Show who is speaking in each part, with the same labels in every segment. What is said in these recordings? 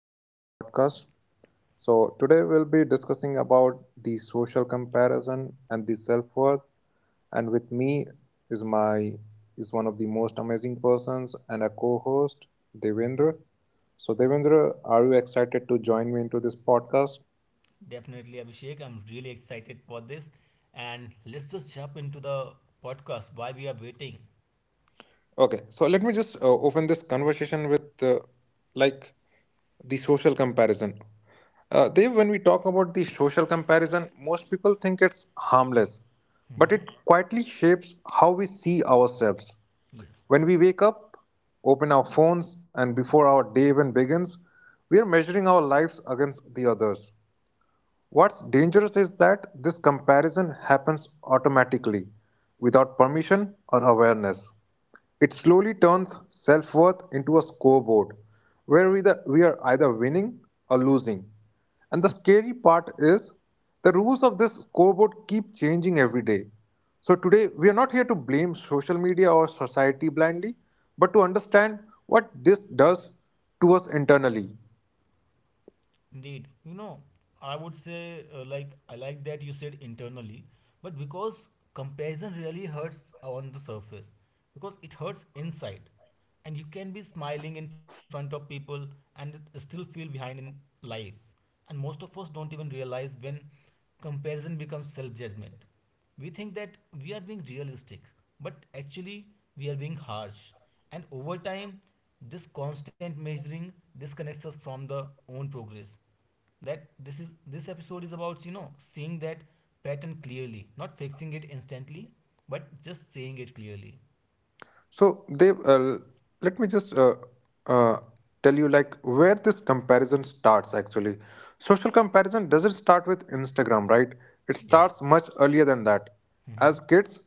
Speaker 1: to my podcast. So, today we'll be discussing about the social comparison and the self-worth. And with me is my is one of the most amazing persons and a co-host, Devendra. So, Devendra, are you excited to join me into this podcast?
Speaker 2: Definitely, Abhishek. I'm really excited for this. And let's just jump into the podcast. Why we are waiting?
Speaker 1: Okay, so let me just open this conversation with like the social comparison. Dev, when we talk about the social comparison, most people think it's harmless, but it
Speaker 2: Hmm.
Speaker 1: quietly shapes how we see ourselves.
Speaker 2: Yes.
Speaker 1: When we wake up, open our phones, and before our day even begins, we are measuring our lives against the others. What's dangerous is that this comparison happens automatically, without permission or awareness. It slowly turns self worth into a scoreboard where we are either winning or losing. And the scary part is the rules of this scoreboard keep changing every day. So today, we are not here to blame social media or society blindly, but to understand what this does to us internally.
Speaker 2: Indeed, you know, I would say like I like that you said internally, but because comparison really hurts on the surface, because it hurts inside, and you can be smiling in front of people and still feel behind in life, and most of us don't even realize when comparison becomes self judgment. We think that we are being realistic, but actually we are being harsh. And over time, this constant measuring disconnects us from the own progress that this episode is about, you know, seeing that pattern clearly, not fixing it instantly, but just seeing it clearly.
Speaker 1: So they let me just uh, tell you like where this comparison starts actually. Social comparison doesn't start with Instagram, right? It starts much
Speaker 2: Yes.
Speaker 1: earlier than that. As
Speaker 2: Mhm.
Speaker 1: kids,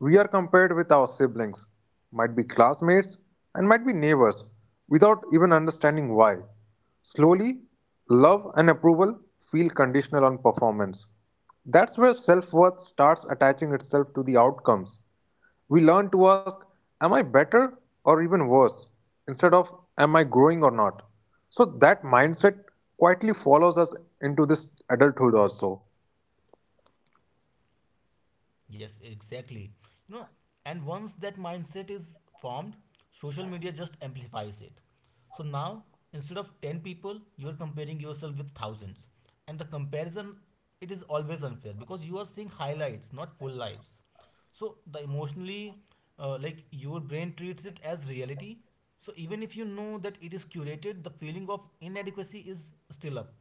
Speaker 1: we are compared with our siblings, might be classmates, and might be neighbors, without even understanding why. Slowly, love and approval feel conditional on performance. That's where self worth starts attaching itself to the outcomes. We learn to ask, am I better or even worse? Instead of, am I growing or not? So that mindset quietly follows us into this adulthood also.
Speaker 2: Yes, exactly. You know, and once that mindset is formed, social media just amplifies it. So now, instead of 10 people, you are comparing yourself with thousands. And the comparison, it is always unfair because you are seeing highlights, not full lives. So the emotionally, like your brain treats it as reality. So even if you know that it is curated, the feeling of inadequacy is still up.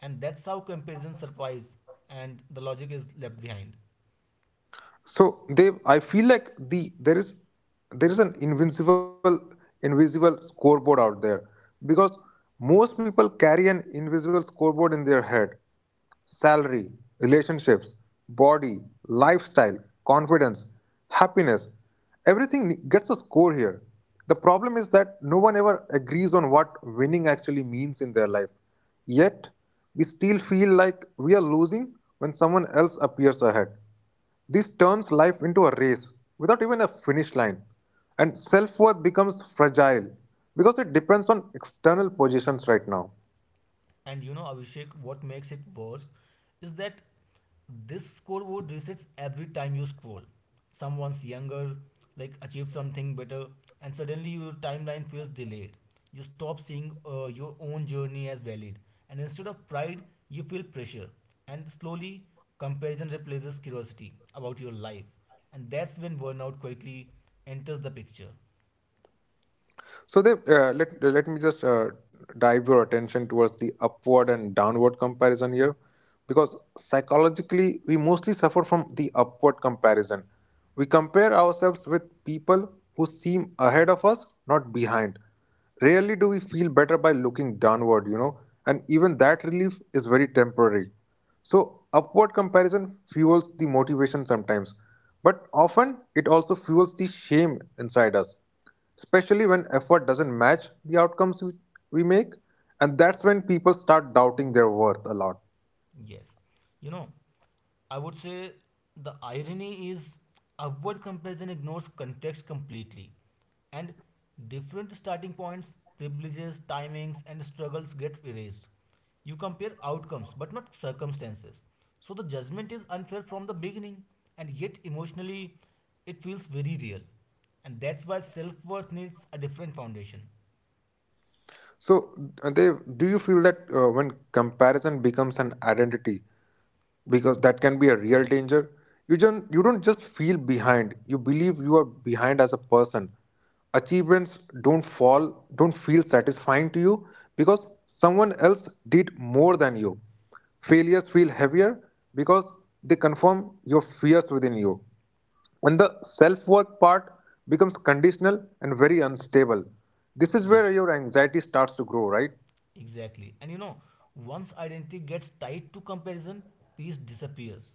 Speaker 2: And that's how comparison survives and the logic is left behind.
Speaker 1: So they, I feel like there is an invincible invisible scoreboard out there because most people carry an invisible scoreboard in their head. Salary, relationships, body, lifestyle, confidence, happiness, everything gets a score here. The problem is that no one ever agrees on what winning actually means in their life. Yet, we still feel like we are losing when someone else appears ahead. This turns life into a race without even a finish line, and self worth becomes fragile because it depends on external positions right now.
Speaker 2: And you know, Abhishek, what makes it worse is that this scoreboard resets every time you scroll. Someone's younger, like achieved something better, and suddenly your timeline feels delayed. You stop seeing your own journey as valid, and instead of pride, you feel pressure. And slowly, comparison replaces curiosity about your life, and that's when burnout quietly enters the picture.
Speaker 1: So they let me just dive your attention towards the upward and downward comparison here, because psychologically we mostly suffer from the upward comparison. We compare ourselves with people who seem ahead of us, not behind. Rarely do we feel better by looking downward, you know, and even that relief is very temporary. So upward comparison fuels the motivation sometimes, but often it also fuels the shame inside us especially when effort doesn't match the outcomes we make, and that's when people start doubting their worth a lot.
Speaker 2: Yes. You know, I would say the irony is upward comparison ignores context completely. And different starting points, privileges, timings, and struggles get erased. You compare outcomes but not circumstances. So the judgment is unfair from the beginning, and yet emotionally it feels very real. And that's why self worth needs a different foundation.
Speaker 1: So they do you feel that when comparison becomes an identity because that can be a real danger. You don't just feel behind. You believe you are behind as a person. Achievements don't fall, don't feel satisfying to you because someone else did more than you. Failures feel heavier because they confirm your fears within you. And the self worth part becomes conditional and very unstable. This is where
Speaker 2: Yes.
Speaker 1: your anxiety starts to grow, right?
Speaker 2: Exactly. And you know, once identity gets tied to comparison, peace disappears.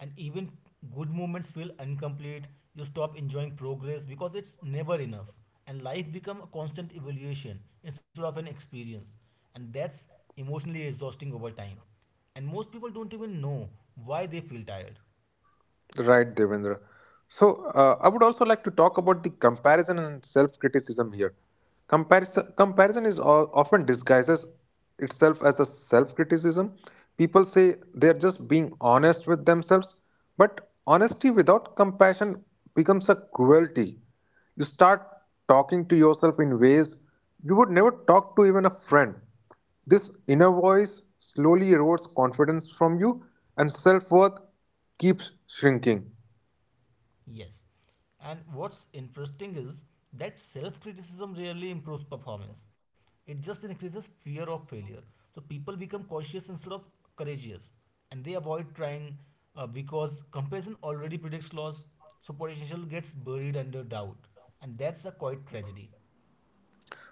Speaker 2: And even good moments feel incomplete. You stop enjoying progress because it's never enough. And life becomes a constant evaluation instead of an experience. And that's emotionally exhausting over time. And most people don't even know why they feel tired.
Speaker 1: Right, Devendra. So, I would also like to talk about the comparison and self criticism here. Comparison often disguises itself as a self criticism. People say they're just being honest with themselves, but honesty without compassion becomes a cruelty. You start talking to yourself in ways you would never talk to even a friend. This inner voice slowly erodes confidence from you, and self worth keeps shrinking.
Speaker 2: Yes. And what's interesting is that self criticism rarely improves performance, it just increases fear of failure. So people become cautious instead of courageous and they avoid trying because comparison already predicts loss. So potential gets buried under doubt, and that's a quite tragedy.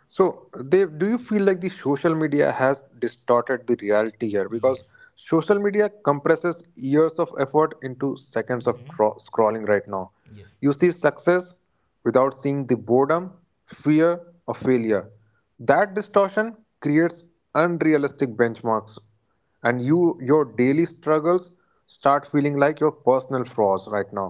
Speaker 1: So, they do you feel like the social media has distorted the reality here? Because
Speaker 2: Yes.
Speaker 1: social media compresses years of effort into seconds of
Speaker 2: Hmm.
Speaker 1: scrolling right now.
Speaker 2: Yes.
Speaker 1: You see success without seeing the boredom, fear, or failure. That distortion creates unrealistic benchmarks, and your daily struggles start feeling like your personal flaws right now.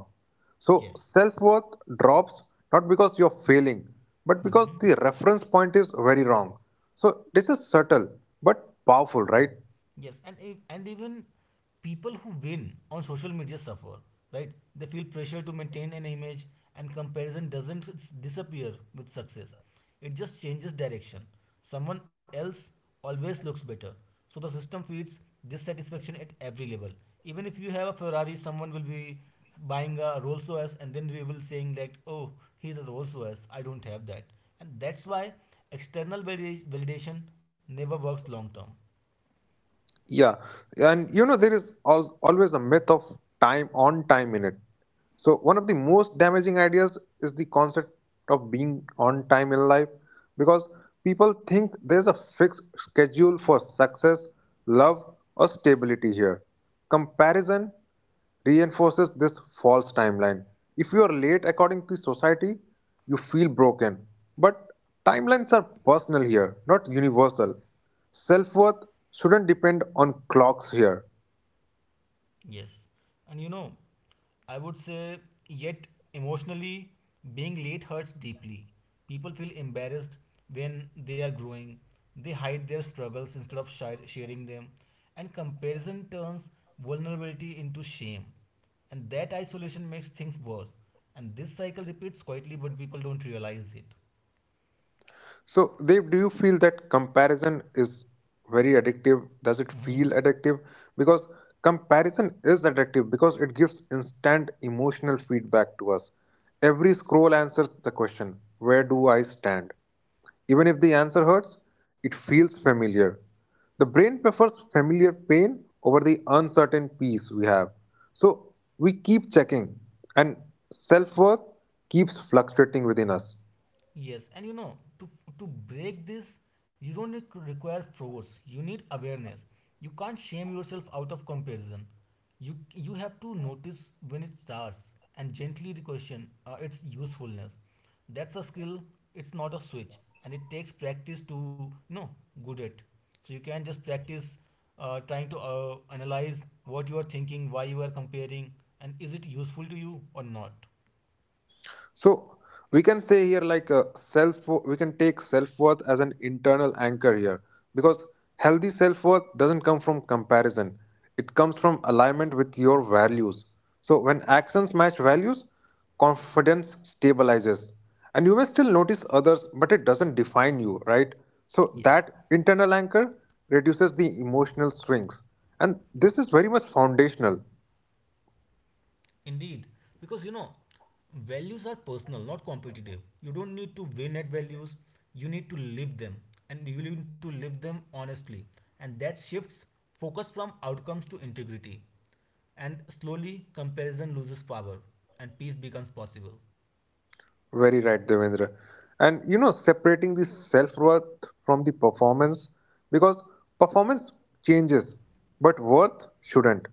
Speaker 1: So
Speaker 2: Yes.
Speaker 1: self worth drops not because you're failing, but because
Speaker 2: Hmm.
Speaker 1: the reference point is very wrong. So this is subtle but powerful, right?
Speaker 2: Yes, and if, and even people who win on social media suffer, right? They feel pressure to maintain an image, and comparison doesn't disappear with success. It just changes direction. Someone else always looks better, so the system feeds dissatisfaction at every level. Even if you have a Ferrari, someone will be buying a Rolls Royce, and then we will saying that, "Oh, he's a Rolls Royce. I don't have that," and that's why external validation never works long term.
Speaker 1: Yeah. And you know, there is always a myth of time in it. So, one of the most damaging ideas is the concept of being on time in life because people think there's a fixed schedule for success, love, or stability here. Comparison reinforces this false timeline. If you are late according to society, you feel broken. But timelines are personal here, not universal. Self worth shouldn't depend on clocks here.
Speaker 2: Yes. And you know, I would say, yet emotionally, being late hurts deeply. People feel embarrassed when they are growing. They hide their struggles instead of sharing them. And comparison turns vulnerability into shame. And that isolation makes things worse. And this cycle repeats quietly, but people don't realize it.
Speaker 1: So, Dev, do you feel that comparison is very addictive? Does it
Speaker 2: Hmm.
Speaker 1: feel addictive? Because comparison is addictive because it gives instant emotional feedback to us. Every scroll answers the question, where do I stand? Even if the answer hurts, it feels familiar. The brain prefers familiar pain over the uncertain peace we have. So we keep checking, and self worth keeps fluctuating within us.
Speaker 2: Yes, and you know, to break this, you don't need to require force. You need awareness. You can't shame yourself out of comparison. You have to notice when it starts and gently question its usefulness. That's a skill. It's not a switch, and it takes practice to, you know, good at. So you can just practice trying to analyze what you are thinking, why you are comparing, and is it useful to you or not.
Speaker 1: So we can say here like self we can take self worth as an internal anchor here because healthy self worth doesn't come from comparison. It comes from alignment with your values. So when actions match values, confidence stabilizes. And you may still notice others, but it doesn't define you, right? So
Speaker 2: Yes.
Speaker 1: that internal anchor reduces the emotional swings. And this is very much foundational.
Speaker 2: Indeed, because you know, values are personal, not competitive. You don't need to win at values, you need to live them, and you need to live them honestly. And that shifts focus from outcomes to integrity. And slowly, comparison loses power, and peace becomes possible.
Speaker 1: Very right, Devendra. And you know, separating the self worth from the performance because performance changes, but worth shouldn't.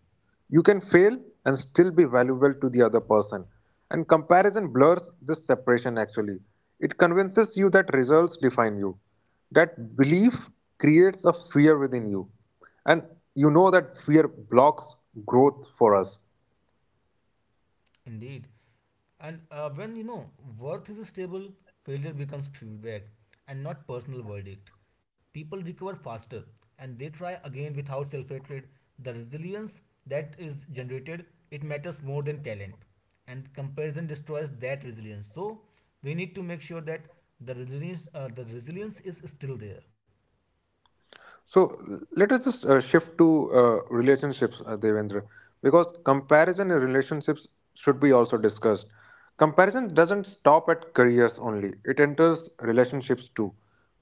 Speaker 1: You can fail and still be valuable to the other person. And comparison blurs this separation actually. It convinces you that results define you. That belief creates a fear within you. And you know that fear blocks growth for us.
Speaker 2: Indeed. And when you know worth is stable, failure becomes feedback and not personal verdict. People recover faster and they try again without self hatred. The resilience that is generated, it matters more than talent, and comparison destroys that resilience. So we need to make sure that the resilience is still there.
Speaker 1: So let us just shift to relationships, Devendra, because comparison in relationships should be also discussed. Comparison doesn't stop at careers only, it enters relationships too.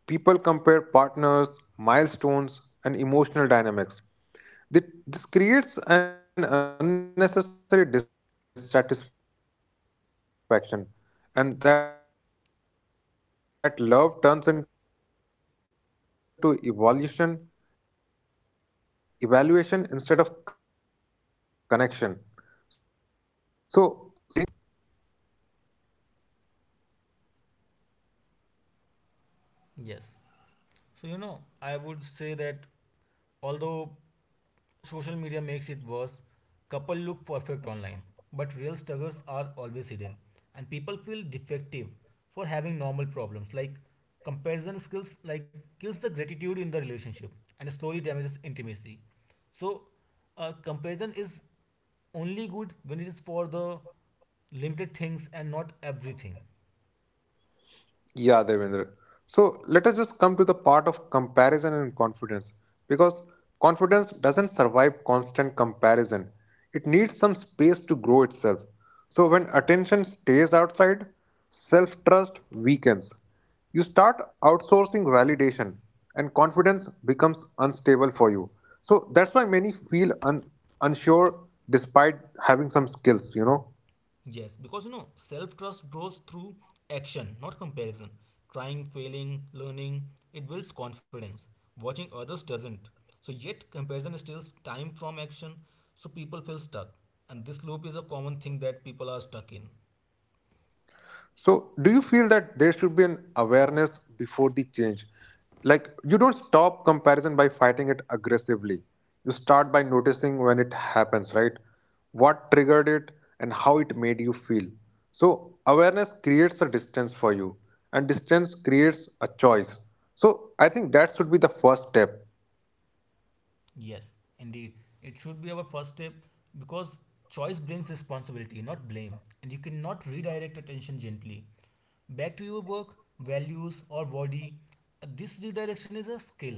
Speaker 1: People compare partners, milestones, and emotional dynamics. Thi- This creates an unnecessary dissatisfaction, and that love turns into evaluation instead of connection. So self worth gets tied to a relationship status, and that's very dangerous.
Speaker 2: Yes. So, you know, I would say that although social media makes it worse, couple look perfect online, but real struggles are always hidden, and people feel defective for having normal problems. Like comparison skills, like kills the gratitude in the relationship and slowly damages intimacy. So, comparison is only good when it is for the limited things and not everything.
Speaker 1: Yeah, Devendra. So let us just come to the part of comparison and confidence because confidence doesn't survive constant comparison. It needs some space to grow itself. So when attention stays outside, self trust weakens. You start outsourcing validation and confidence becomes unstable for you. So that's why many feel unsure despite having some skills, you know.
Speaker 2: Yes, because you know, self trust grows through action, not comparison. Trying, failing, learning, it builds confidence. Watching others doesn't. So, yet, comparison steals time from action, so people feel stuck. And this loop is a common thing that people are stuck in.
Speaker 1: So, do you feel that there should be an awareness before the change? Like, you don't stop comparison by fighting it aggressively. You start by noticing when it happens, right? What triggered it and how it made you feel. So, awareness creates a distance for you, and distance creates a choice. So, I think that should be the first step.
Speaker 2: Yes, indeed. It should be our first step because choice brings responsibility, not blame, and you cannot redirect attention gently. Back to your work, values, or body. This redirection is a skill.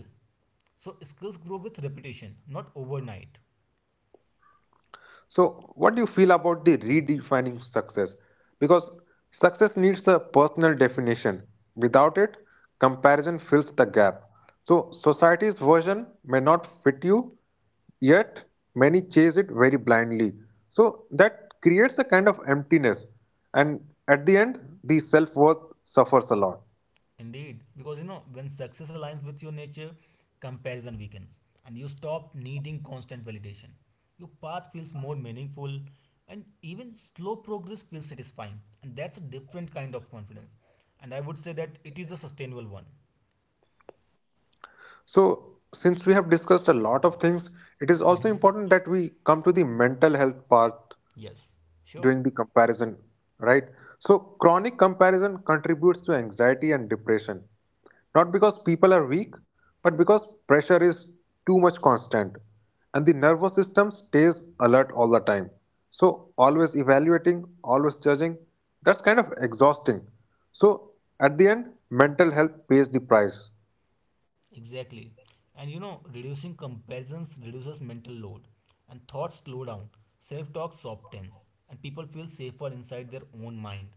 Speaker 2: So, skills grow with repetition, not overnight.
Speaker 1: So, what do you feel about the redefining success? Because success needs a personal definition. Without it, comparison fills the gap. So, society's version may not fit you, yet many chase it very blindly. So, that creates a kind of emptiness, and at the end, the self worth suffers a lot.
Speaker 2: Indeed, because you know, when success aligns with your nature, comparison weakens and you stop needing constant validation. Your path feels more meaningful and even slow progress feels satisfying. And that's a different kind of confidence. And I would say that it is a sustainable one.
Speaker 1: So, since we have discussed a lot of things, it is also
Speaker 2: Hmm.
Speaker 1: important that we come to the mental health part
Speaker 2: Yes, sure.
Speaker 1: during the comparison, right? So, chronic comparison contributes to anxiety and depression, not because people are weak, but because pressure is too much constant and the nervous system stays alert all the time. So, always evaluating, always judging, that's kind of exhausting. So, at the end, mental health pays the price.
Speaker 2: Exactly. And you know, reducing comparisons reduces mental load and thoughts slow down, self talk softens, and people feel safer inside their own mind.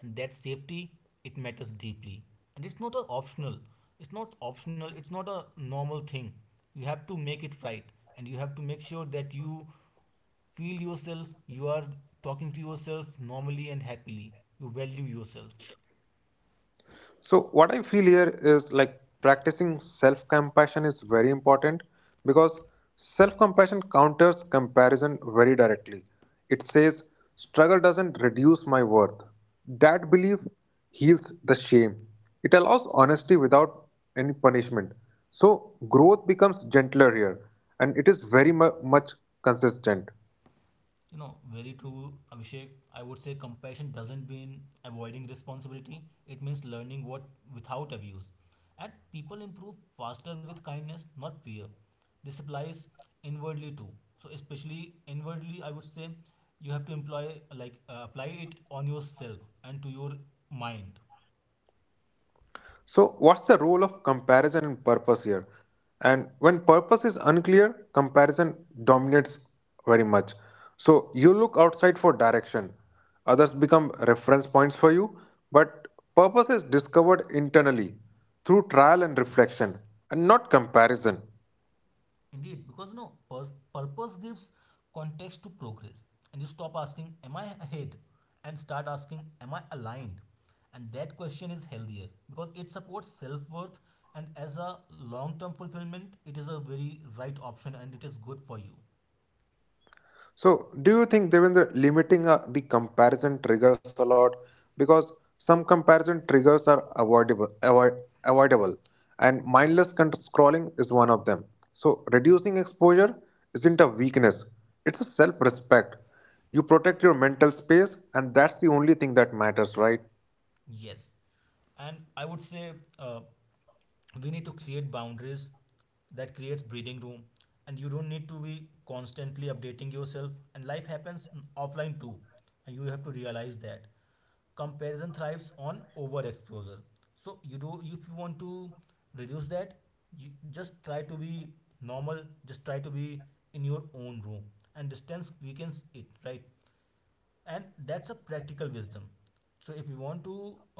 Speaker 2: And that safety, it matters deeply. And it's not a optional. It's not optional, it's not a normal thing. You have to make it right and you have to make sure that you feel yourself, you are talking to yourself normally and happily. You value yourself.
Speaker 1: So, what I feel here is like practicing self compassion is very important because self compassion counters comparison very directly. It says, struggle doesn't reduce my worth. That belief heals the shame. It allows honesty without any punishment. So, growth becomes gentler here and it is very much consistent.
Speaker 2: You know, very true, Abhishek. I would say compassion doesn't mean avoiding responsibility. It means learning what without abuse. And people improve faster with kindness, not fear. This applies inwardly too. So especially inwardly, I would say you have to employ like apply it on yourself and to your mind.
Speaker 1: So, what's the role of comparison and purpose here? And when purpose is unclear, comparison dominates very much. So, you look outside for direction, others become reference points for you, but purpose is discovered internally through trial and reflection and not comparison.
Speaker 2: Indeed, because no know, purpose gives context to progress, and you stop asking, "Am I ahead?" and start asking, "Am I aligned?" And that question is healthier because it supports self worth, and as a long term fulfillment, it is a very right option and it is good for you.
Speaker 1: So, do you think, Devendra, limiting the comparison triggers a lot? Because some comparison triggers are avoidable, and mindless scrolling is one of them. So, reducing exposure isn't a weakness, it's a self respect. You protect your mental space, and that's the only thing that matters, right?
Speaker 2: Yes. And I would say uh, we need to create boundaries that creates breathing room and you don't need to be constantly updating yourself and life happens offline too and you have to realize that comparison thrives on overexposure so you do if you want to reduce that you just try to be normal, just try to be in your own room and distance weakens it, right? And that's a practical wisdom, so if you want to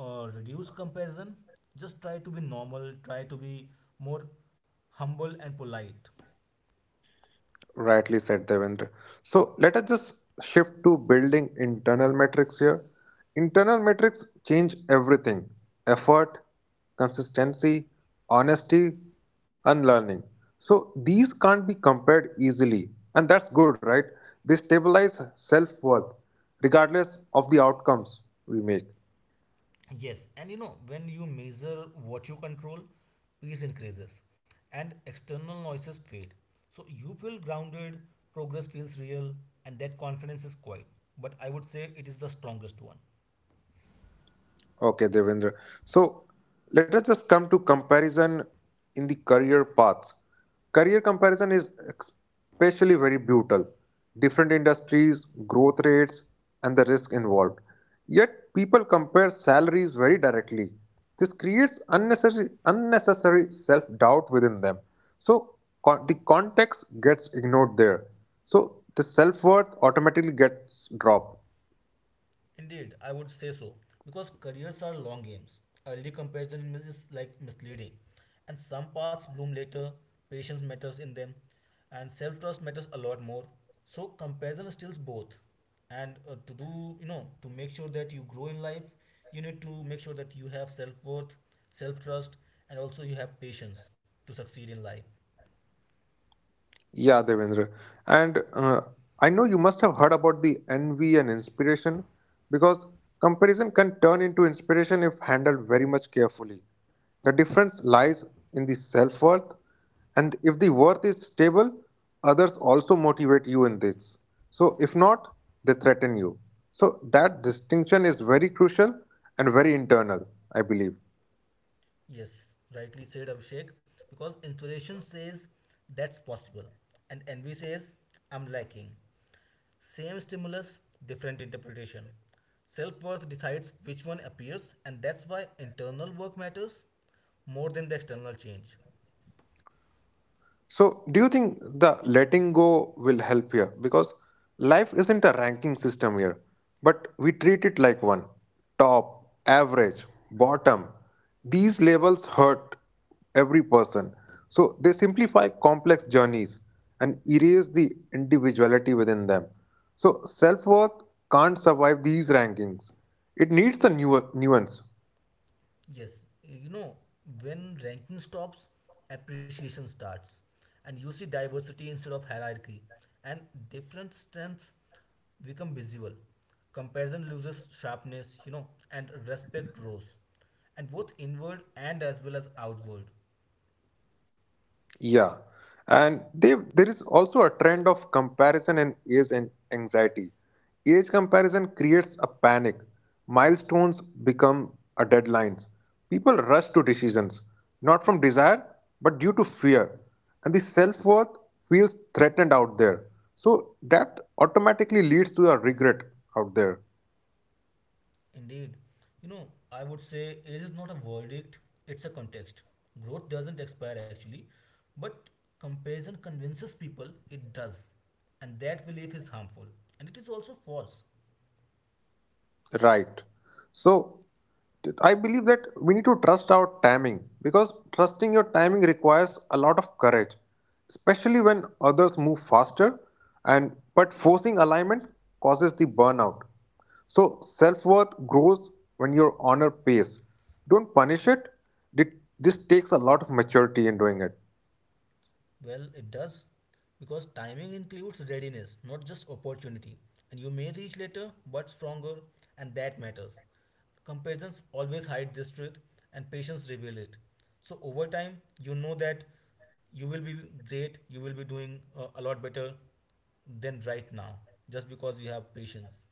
Speaker 2: reduce comparison just try to be normal, try to be more humble and polite.
Speaker 1: Rightly said, Devendra. So let us just shift to building internal metrics here. Internal metrics change everything effort, consistency, honesty, unlearning. So these can't be compared easily, and that's good, right? They stabilize self worth regardless of the outcomes we make.
Speaker 2: Yes, and you know when you measure what you control, peace increases and external noises fade, so you feel grounded, progress feels real, and that confidence is quiet but I would say it is the strongest one.
Speaker 1: Okay, Devendra. So let us just come to comparison in the career paths. Career comparison is especially very brutal. Different industries, growth rates, and the risk involved. Yet people compare salaries very directly. This creates unnecessary self-doubt within them. So the context gets ignored there. So the self-worth automatically gets dropped.
Speaker 2: Indeed, I would say so because careers are long games. Early comparison is like misleading, and some paths bloom later. Patience matters in them, and self trust matters a lot more. So comparison steals both. And to do, you know, to make sure that you grow in life, you need to make sure that you have self worth, self trust, and also you have patience to succeed in life.
Speaker 1: Yeah, Devendra. And I know you must have heard about the envy and inspiration because comparison can turn into inspiration if handled very much carefully. The difference lies in the self worth, and if the worth is stable, others also motivate you in this. So, if not, they threaten you. So, that distinction is very crucial and very internal, I believe.
Speaker 2: Yes, rightly said Abhishek, because inspiration says that's possible, and envy says I'm lacking. Same stimulus, different interpretation. Self worth decides which one appears, and that's why internal work matters more than the external change.
Speaker 1: So, do you think the letting go will help here? Because life isn't a ranking system here, but we treat it like one top, average, bottom. These labels hurt every person. So, they simplify complex journeys and erase the individuality within them. So, self worth can't survive these rankings, it needs a newer nuance.
Speaker 2: Yes, you know, when ranking stops, appreciation starts, and you see diversity instead of hierarchy, and different strengths become visible. Comparison loses sharpness, you know, and respect grows, and both inward and as well as outward.
Speaker 1: Yeah, and they, there is also a trend of comparison and age and anxiety. Age comparison creates a panic. Milestones become a deadlines. People rush to decisions, not from desire, but due to fear. And the self worth feels threatened out there. So that automatically leads to a regret out there.
Speaker 2: Indeed. You know, I would say age is not a verdict, it's a context. Growth doesn't expire actually, but comparison convinces people it does. And that belief is harmful. And it is also false.
Speaker 1: Right. So I believe that we need to trust our timing because trusting your timing requires a lot of courage, especially when others move faster and but forcing alignment causes the burnout. So self-worth grows when you honor pace. Don't punish it. Th- This takes a lot of maturity in doing it.
Speaker 2: Well, it does because timing includes readiness, not just opportunity. And you may reach later but stronger, and that matters. Comparisons always hide this truth, and patience reveal it. So over time, you know that you will be great, you will be doing a lot better than right now, just because you have patience.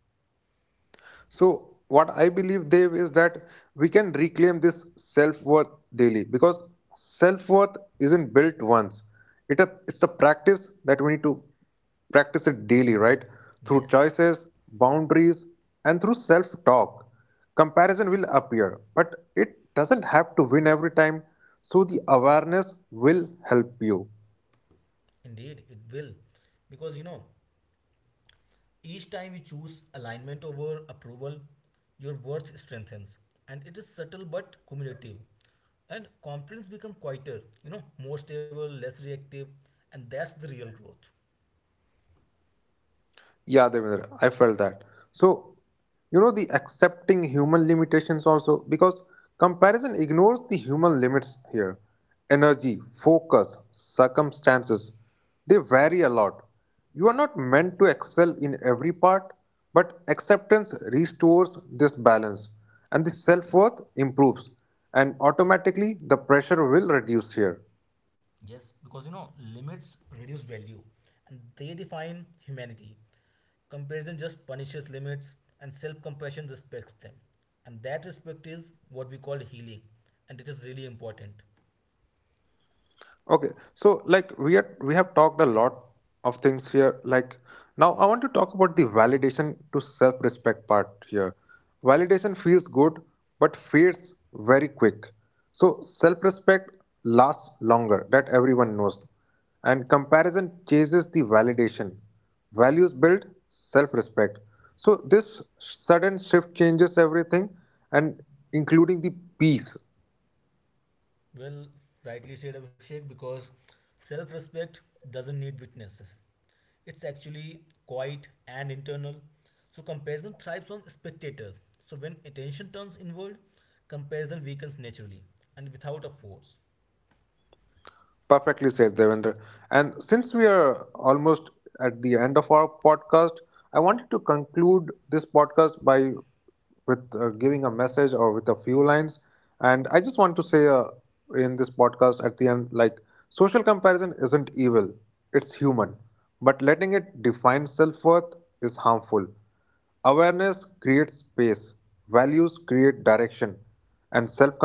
Speaker 1: So, what I believe, Dev, is that we can reclaim this self worth daily because self worth isn't built once. It's a practice that we need to practice it daily, right? Through
Speaker 2: Yes,
Speaker 1: choices, boundaries, and through self talk. Comparison will appear, but it doesn't have to win every time. So, the awareness will help you.
Speaker 2: indeed, it will, because you know each time you choose alignment over approval, your worth strengthens. And it is subtle but cumulative. And confidence becomes quieter, you know, more stable, less reactive, and that's the real growth.
Speaker 1: Yeah, Devendra, I felt that. So, you know, the accepting human limitations also, because comparison ignores the human limits here. Energy, focus, circumstances, they vary a lot. You are not meant to excel in every part, but acceptance restores this balance and the self worth improves, and automatically the pressure will reduce here.
Speaker 2: Yes, because you know, limits reduce value and they define humanity. Comparison just punishes limits, and self compassion respects them. And that respect is what we call healing, and it is really important.
Speaker 1: Okay, so like we have talked a lot of things here. Like now, I want to talk about the validation to self-respect part here. Validation feels good, but fades very quick. So self-respect lasts longer. That everyone knows, and comparison chases the validation. Values build self-respect. So this sudden shift changes everything, and including the peace.
Speaker 2: Well, rightly said Abhishek, because self respect doesn't need witnesses. It's actually quiet and internal. So, comparison thrives on spectators. So, when attention turns inward, comparison weakens naturally and without a force.
Speaker 1: Perfectly said, Devendra. And since we are almost at the end of our podcast, I wanted to conclude this podcast by with giving a message or with a few lines. And I just want to say in this podcast at the end, like social comparison isn't evil; it's human. But letting it define self worth is harmful. Awareness creates space, values create direction, and self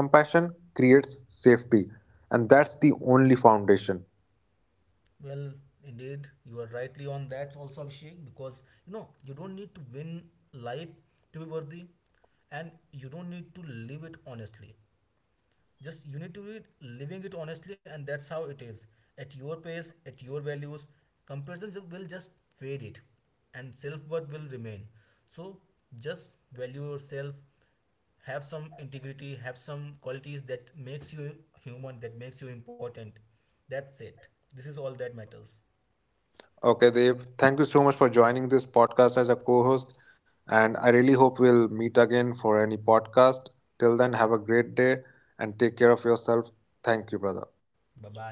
Speaker 1: compassion creates safety. And that's the only foundation.
Speaker 2: Well, indeed, you are rightly on that also, Abhishek, because you know, you don't need to win life to be worthy and you don't need to live it honestly. Just you need to be living it honestly, and that's how it is. At your pace, at your values, comparisons will just fade it, and self worth will remain. So just value yourself, have some integrity, have some qualities that makes you human, that makes you important. That's it. This is all that matters.
Speaker 1: Okay, Dev, thank you so much for joining this podcast as a co host. And I really hope we'll meet again for any podcast. Till then, have a great day and take care of yourself. Thank you, brother.
Speaker 2: Bye bye.